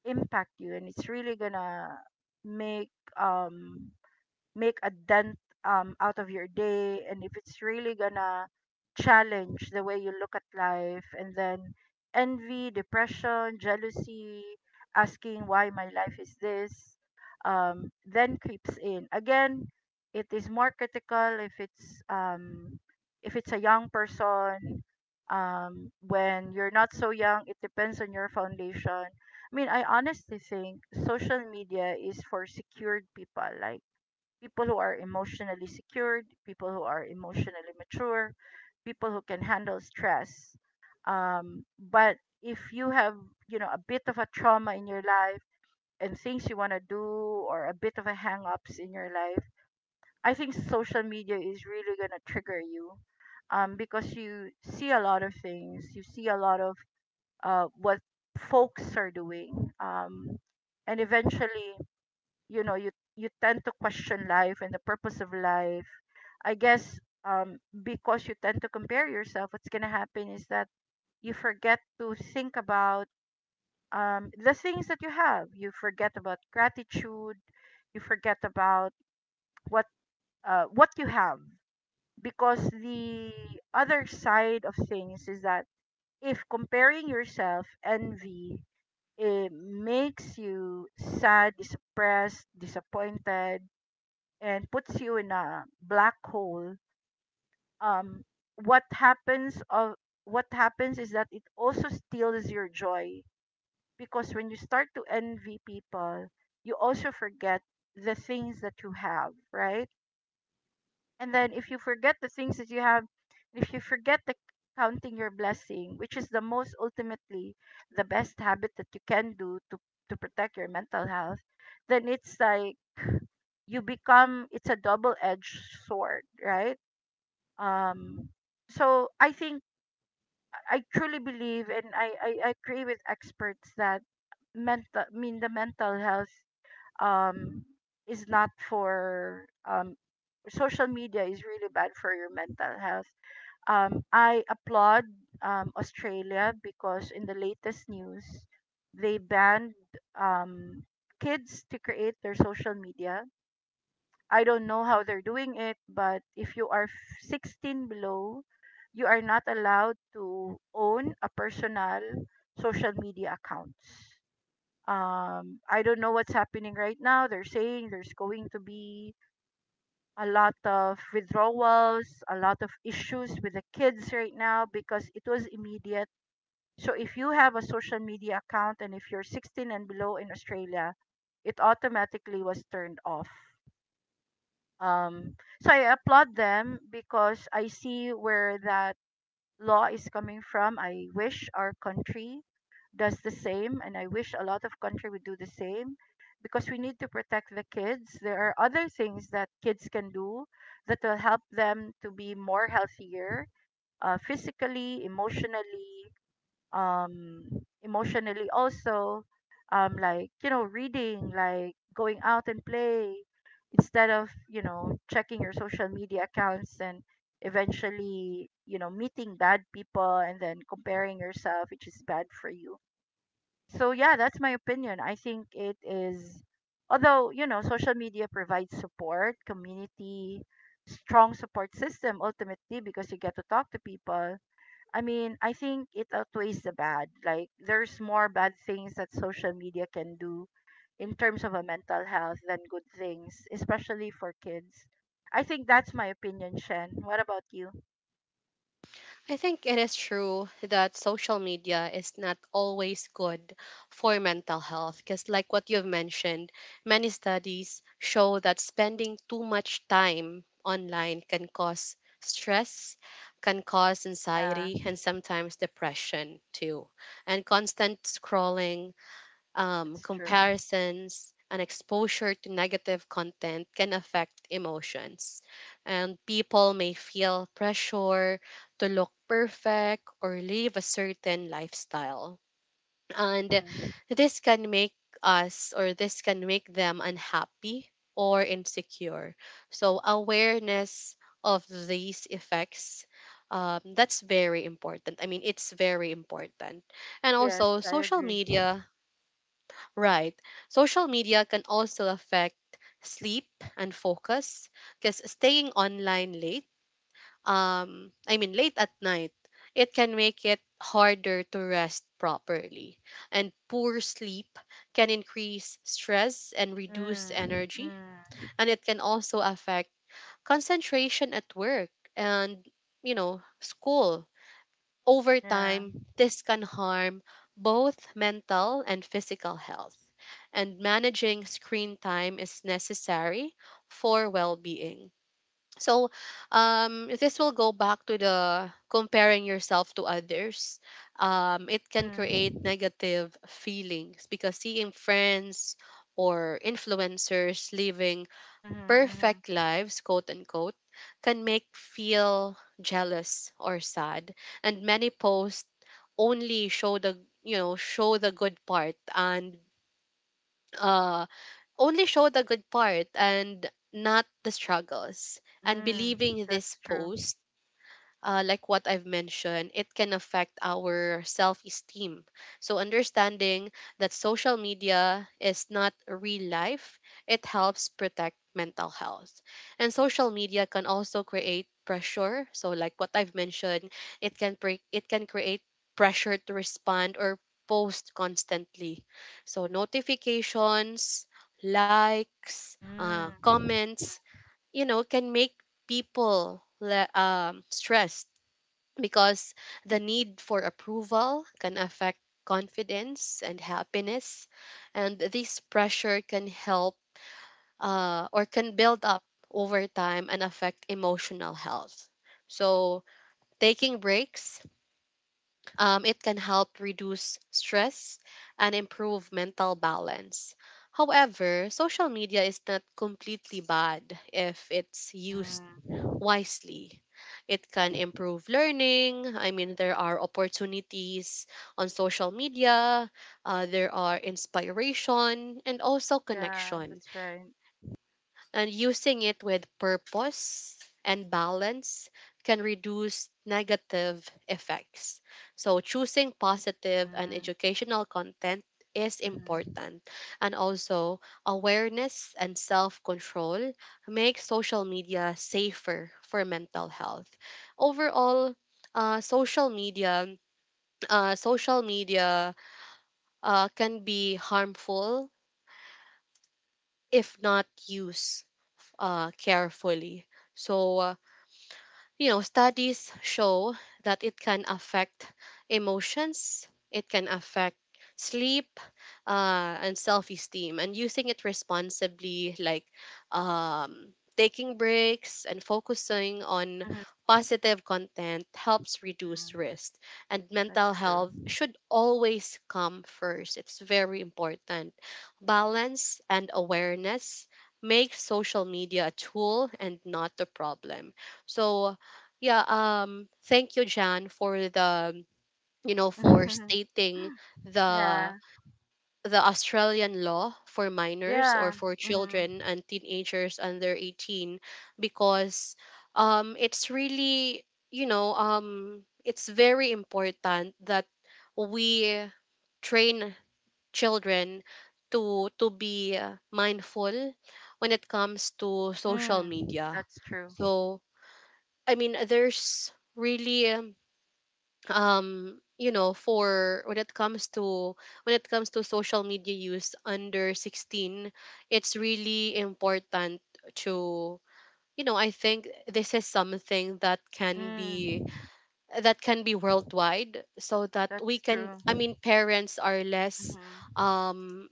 Speaker 2: impact you, and it's really gonna make um make a dent out of your day, and if it's really gonna challenge the way you look at life, and then envy, depression, jealousy, asking why my life is this then creeps in again. It is more critical if it's a young person. When you're not so young, it depends on your foundation. I mean, I honestly think social media is for secured people, like people who are emotionally secured, people who are emotionally mature, people who can handle stress. But if you have, you know, a bit of a trauma in your life and things you want to do or a bit of a hang-ups in your life, I think social media is really going to trigger you, because you see a lot of things. You see a lot of what folks are doing. And eventually, you know, you tend to question life and the purpose of life, I guess, because you tend to compare yourself. What's going to happen is that you forget to think about, the things that you have. You forget about gratitude. You forget about what what you have, because the other side of things is that if comparing yourself, envy, it makes you sad, depressed, disappointed, and puts you in a black hole. um what happens of what happens is that it also steals your joy, because when you start to envy people, you also forget the things that you have, right? And then if you forget the things that you have, if you forget the counting your blessing, which is the most ultimately the best habit that you can do to protect your mental health, then it's like you become, it's a double edged sword, right? um so I think I truly believe, and I agree with experts, that mental I mean the mental health um is not for social media is really bad for your mental health. I applaud Australia, because in the latest news, they banned um kids to create their social media. I don't know how they're doing it, but if you are 16 below, you are not allowed to own a personal social media accounts. I don't know what's happening right now. They're saying there's going to be a lot of withdrawals, a lot of issues with the kids right now because it was immediate. So if you have a social media account and if you're 16 and below in Australia, it automatically was turned off. um so I applaud them, because I see where that law is coming from. I wish our country does the same, and I wish a lot of country would do the same, because we need to protect the kids. There are other things that kids can do that will help them to be more healthier, physically, emotionally, um emotionally also, like, you know, reading, like going out and play, instead of, you know, checking your social media accounts and eventually, you know, meeting bad people and then comparing yourself, which is bad for you. So yeah, that's my opinion. I think it is, although, you know, social media provides support, community, strong support system, ultimately, because you get to talk to people. I mean, I think it outweighs the bad. Like, there's more bad things that social media can do in terms of a mental health than good things, especially for kids. I think that's my opinion, Shen. What about you?
Speaker 1: I think it is true that social media is not always good for mental health because, like what you've mentioned, many studies show that spending too much time online can cause stress, can cause
Speaker 2: Yeah,
Speaker 1: anxiety, and sometimes depression too. And constant scrolling,
Speaker 2: that's true.
Speaker 1: comparisons, and exposure to negative content can affect emotions. And people may feel pressure to look perfect or live a certain lifestyle. And
Speaker 2: Mm-hmm.
Speaker 1: this can make them unhappy or insecure. So, awareness of these effects. That's very important. I mean, it's very important. And
Speaker 2: Yes,
Speaker 1: also,
Speaker 2: I
Speaker 1: social
Speaker 2: agree.
Speaker 1: media. Right. Social media can also affect sleep and focus because staying online late at night, it can make it harder to rest properly. And poor sleep can increase stress and reduce
Speaker 2: Mm,
Speaker 1: energy.
Speaker 2: mm,
Speaker 1: And it can also affect concentration at work and, you know, school. Over
Speaker 2: yeah.
Speaker 1: time, this can harm both mental and physical health, and managing screen time is necessary for well-being. So, this will go back to the comparing yourself to others. It can create
Speaker 2: Mm-hmm.
Speaker 1: negative feelings because seeing friends or influencers living
Speaker 2: Mm-hmm, mm-hmm.
Speaker 1: perfect lives, quote unquote, can make feel jealous or sad. And many posts only show the you know show the good part and uh only show the good part and not the struggles. And
Speaker 2: Mm,
Speaker 1: believing this
Speaker 2: that's true.
Speaker 1: post, like what I've mentioned, it can affect our self esteem. So, understanding that social media is not real life, it helps protect mental health. And social media can also create pressure. So, like what I've mentioned, it can, it can create pressure to respond or post constantly. So, notifications, likes,
Speaker 2: Mm,
Speaker 1: comments, you know, can make people stressed because the need for approval can affect confidence and happiness, and this pressure can help or can build up over time and affect emotional health, so taking breaks, it can help reduce stress and improve mental balance. However, social media is not completely bad if it's used
Speaker 2: mm.
Speaker 1: wisely. It can improve learning. I mean, there are opportunities on social media, there are inspiration, and also
Speaker 2: Yeah,
Speaker 1: connection,
Speaker 2: that's right.
Speaker 1: and using it with purpose and balance can reduce negative effects. So, choosing positive and
Speaker 2: Mm,
Speaker 1: educational content is
Speaker 2: mm-hmm.
Speaker 1: important. And also, awareness and self control make social media safer for mental health. Overall, uh, social media social media can be harmful if not used carefully. So, you know, studies show that it can affect emotions, it can affect sleep, and self esteem. And using it responsibly, like taking breaks and focusing on positive content, helps reduce
Speaker 2: Mm-hmm.
Speaker 1: risk. And
Speaker 2: That's
Speaker 1: mental
Speaker 2: true.
Speaker 1: health should always come first. It's very important. Balance and awareness make social media a tool and not the problem. So yeah, thank you, Jan, for the you know for
Speaker 2: *laughs*
Speaker 1: stating the
Speaker 2: Yeah.
Speaker 1: the Australian law for minors or
Speaker 2: Yeah.
Speaker 1: for
Speaker 2: Mm.
Speaker 1: children and teenagers under 18 because it's really, it's very important that we train children to be mindful when it comes to social
Speaker 2: Mm.
Speaker 1: media.
Speaker 2: That's true.
Speaker 1: So, I mean, there's really, you know for when it comes to when it comes to social media use under 16, it's really important to, you know, I think this is something that
Speaker 2: Mm.
Speaker 1: can be worldwide so that we
Speaker 2: That's
Speaker 1: can,
Speaker 2: true.
Speaker 1: I mean, parents are less,
Speaker 2: Mm.
Speaker 1: um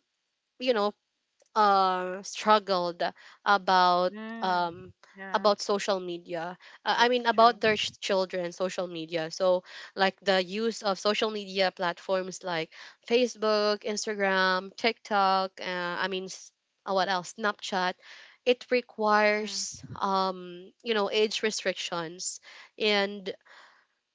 Speaker 1: you know, struggled about,
Speaker 2: Mm.
Speaker 1: um,
Speaker 2: Yeah.
Speaker 1: about social media. I mean,
Speaker 2: That's
Speaker 1: about
Speaker 2: true.
Speaker 1: their children, social media. So, like the use of social media platforms like Facebook, Instagram, TikTok. I mean, s- what else? Snapchat. It
Speaker 2: Mm.
Speaker 1: requires, you know, age restrictions, and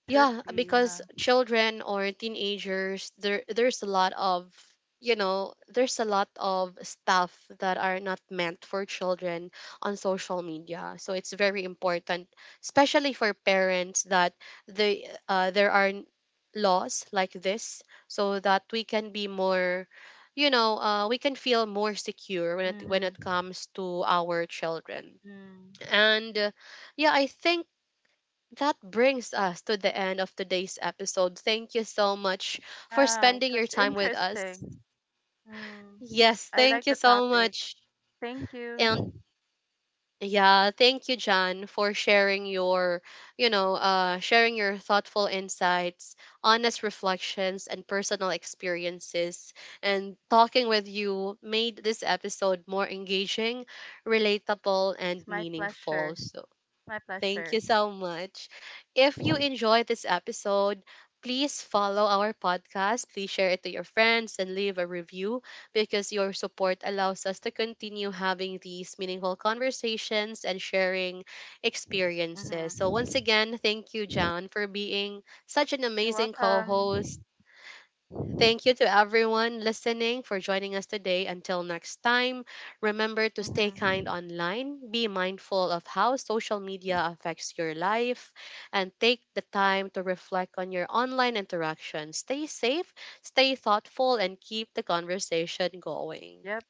Speaker 2: Should
Speaker 1: yeah,
Speaker 2: be.
Speaker 1: because
Speaker 2: Yeah.
Speaker 1: children or teenagers, there's a lot of, you know, there's a lot of stuff that are not meant for children on social media. So it's very important, especially for parents, that they there are n- laws like this, so that we can be more, you know, we can feel more secure when it when
Speaker 2: Mm.
Speaker 1: it comes to our children.
Speaker 2: Mm.
Speaker 1: And yeah, I think that brings us to the end of today's episode. Thank you so much for
Speaker 2: Yeah. It
Speaker 1: spending your
Speaker 2: was
Speaker 1: time with us.
Speaker 2: interesting. Mm.
Speaker 1: Yes,
Speaker 2: I
Speaker 1: thank
Speaker 2: like
Speaker 1: you
Speaker 2: the
Speaker 1: so
Speaker 2: topic.
Speaker 1: much.
Speaker 2: Thank
Speaker 1: And
Speaker 2: you.
Speaker 1: yeah, thank you, John, for sharing your, sharing your thoughtful insights, honest reflections, and personal experiences. And talking with you made this episode more engaging, relatable, and
Speaker 2: It's my
Speaker 1: meaningful.
Speaker 2: pleasure.
Speaker 1: So
Speaker 2: My
Speaker 1: thank
Speaker 2: pleasure.
Speaker 1: you so much. If you enjoyed this episode, please follow our podcast. Please share it to your friends and leave a review because your support allows us to continue having these meaningful conversations and sharing experiences. So, once
Speaker 2: Mm-hmm.
Speaker 1: again, thank you, John, for being such an
Speaker 2: You're
Speaker 1: amazing co host.
Speaker 2: welcome.
Speaker 1: Thank you to everyone listening for joining us today. Until next time, remember to stay kind
Speaker 2: Mm-hmm.
Speaker 1: online, be mindful of how social media affects your life, and take the time to reflect on your online interaction. Stay safe, stay thoughtful, and keep the conversation going.
Speaker 2: Yep.